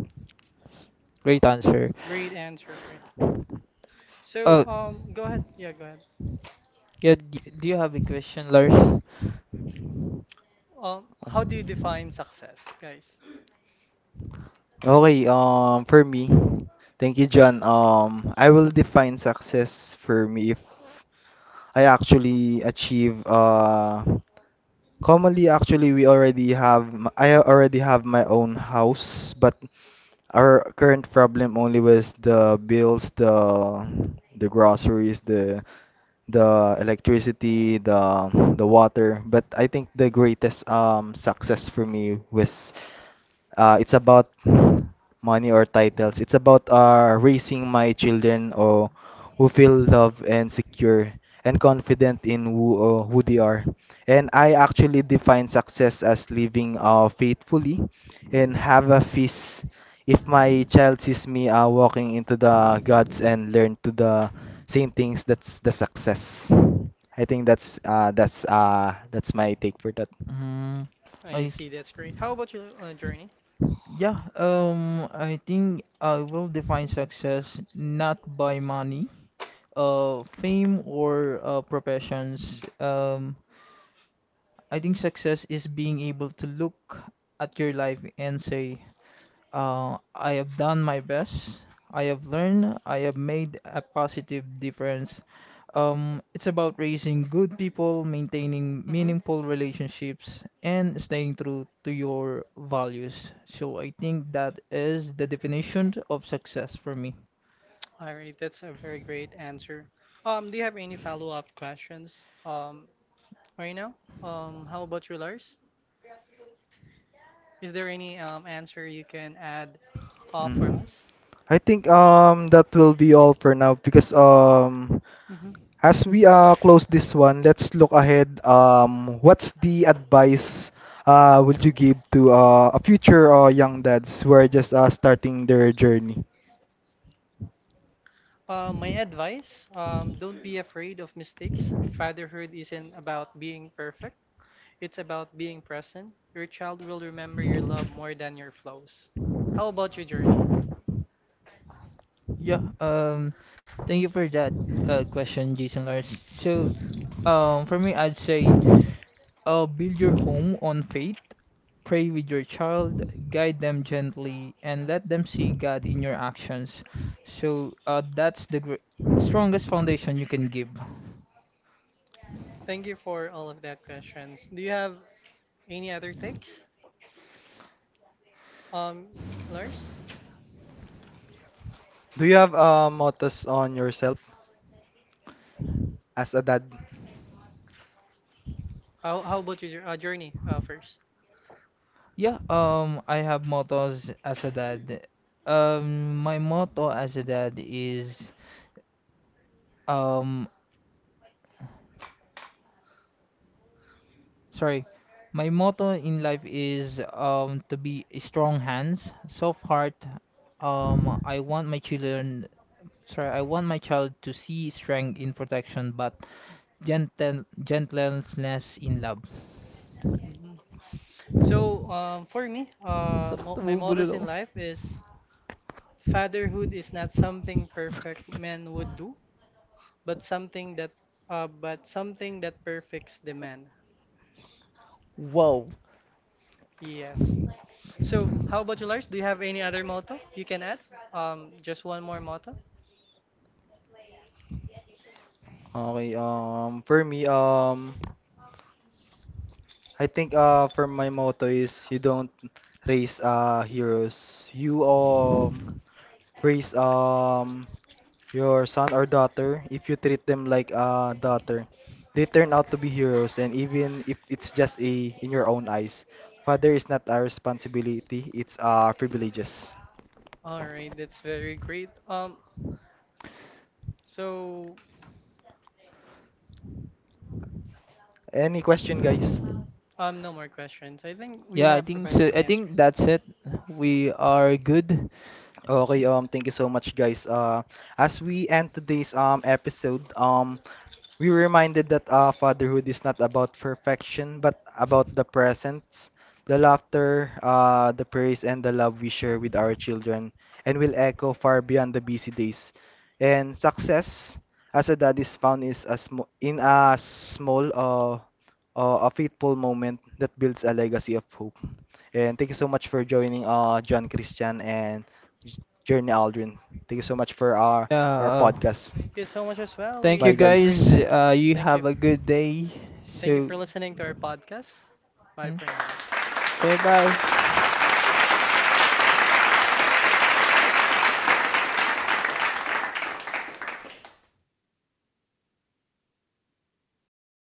C: great answer.
B: Great answer, Fred.
C: Uh,
B: So, um, go ahead. Yeah, go ahead.
C: yeah. d- Do you have a question, Lars?
B: Um, how do you define success, guys?
A: Okay, um, for me, thank you, John. Um, I will define success for me if I actually achieve, uh, commonly actually we already have, m- I already have my own house, but our current problem only was the bills, the the groceries, the the electricity, the the water. But I think the greatest um success for me was uh, it's about money or titles. It's about uh, raising my children or who feel loved and secure and confident in who uh, who they are. And I actually define success as living uh, faithfully and have a feast. If my child sees me uh, walking into the gods and learn to the same things, that's the success. I think that's uh, that's uh, that's my take for that.
C: Mm, I
B: I
C: s-
B: see. That's great. How about you, uh, Journey?
C: yeah, um, I think I will define success not by money, uh, fame or uh, professions. Um, I think success is being able to look at your life and say, uh, I have done my best. I have learned. I have made a positive difference. Um, it's about
B: Mhm.
C: raising good people, maintaining meaningful relationships, and staying true to your values. So I think that is the definition of success for me.
B: All right, that's a very great answer. Um, do you have any follow-up questions? Um, right now? Um, how about you, Lars? Is there any um, answer you can add uh, for
A: Mm.
B: us?
A: I think um that will be all for now, because um
B: Hmm.
A: as we uh close this one, let's look ahead. Um, what's the advice uh would you give to uh, a future uh, young dads who are just uh, starting their journey?
B: Uh, my advice, um, don't be afraid of mistakes. Fatherhood isn't about being perfect, it's about being present. Your child will remember your love more than your flaws. How about your journey?
C: Yeah. Um, thank you for that uh, question, Jason Lars. So, um, for me, I'd say. Uh, build your home on faith, pray with your child, guide them gently, and let them see God in your actions. So uh, that's the gr- strongest foundation you can give.
B: Thank you for all of that questions. Do you have any other takes, um, Lars?
A: Do you have uh, mottos on yourself as a dad?
B: How, how about your jour- uh, journey uh, first?
C: Yeah, um, I have mottos as a dad. Um, my motto as a dad is, um, sorry, my motto in life is um to be a strong hands, soft heart. Um, I want my children Sorry, I want my child to see strength in protection but gentle, gentleness in love.
B: Mhm. So um, for me,
C: Ang
B: uh,
C: sakit,
B: mo my
C: nabubulol
B: mottos in
C: ako.
B: life is fatherhood is not something perfect men would do, but something that uh, but something that perfects the man.
C: Wow.
B: Yes. So, how about you, Lars? Do you have any other motto you can add? Um, just one more motto.
A: Okay, um, for me, um, I think uh for my motto is, you don't raise uh heroes. You um raise um your son or daughter if you treat them like a daughter. They turn out to be heroes, and even if it's just a in your own eyes. Father is not a responsibility, it's a privileges.
B: All right, that's very great. Um, so
A: Any question guys?
B: um, no more questions. I think we
C: Yeah, I
B: have
C: think
B: provided all
C: so. I
B: the answers.
C: think
B: Thank
C: that's it. We are good.
A: Okay, um, thank you so much, guys. Uh, as we end today's um episode, um, we were reminded that uh, fatherhood is not about perfection, but about the presence, the laughter, uh, the praise, and the love we share with our children, and will echo far beyond the busy days. And success as a dad is found is a sm in a small, uh, uh, a faithful moment that builds a legacy of hope. And thank you so much for joining, uh, John Christian and. Journey Aldrin. Thank you so much for our
C: Yeah.
A: our
C: Uh,
A: podcast.
B: you so much as well.
C: thank
B: We
C: you
A: Bye
B: have a
A: guys.
B: great
C: guys.
B: day.
C: Uh, you
B: Thank you.
C: have a good day.
B: Thank you
C: So,
B: for listening to our podcast. Bye
C: mm,
B: for now.
C: okay, bye.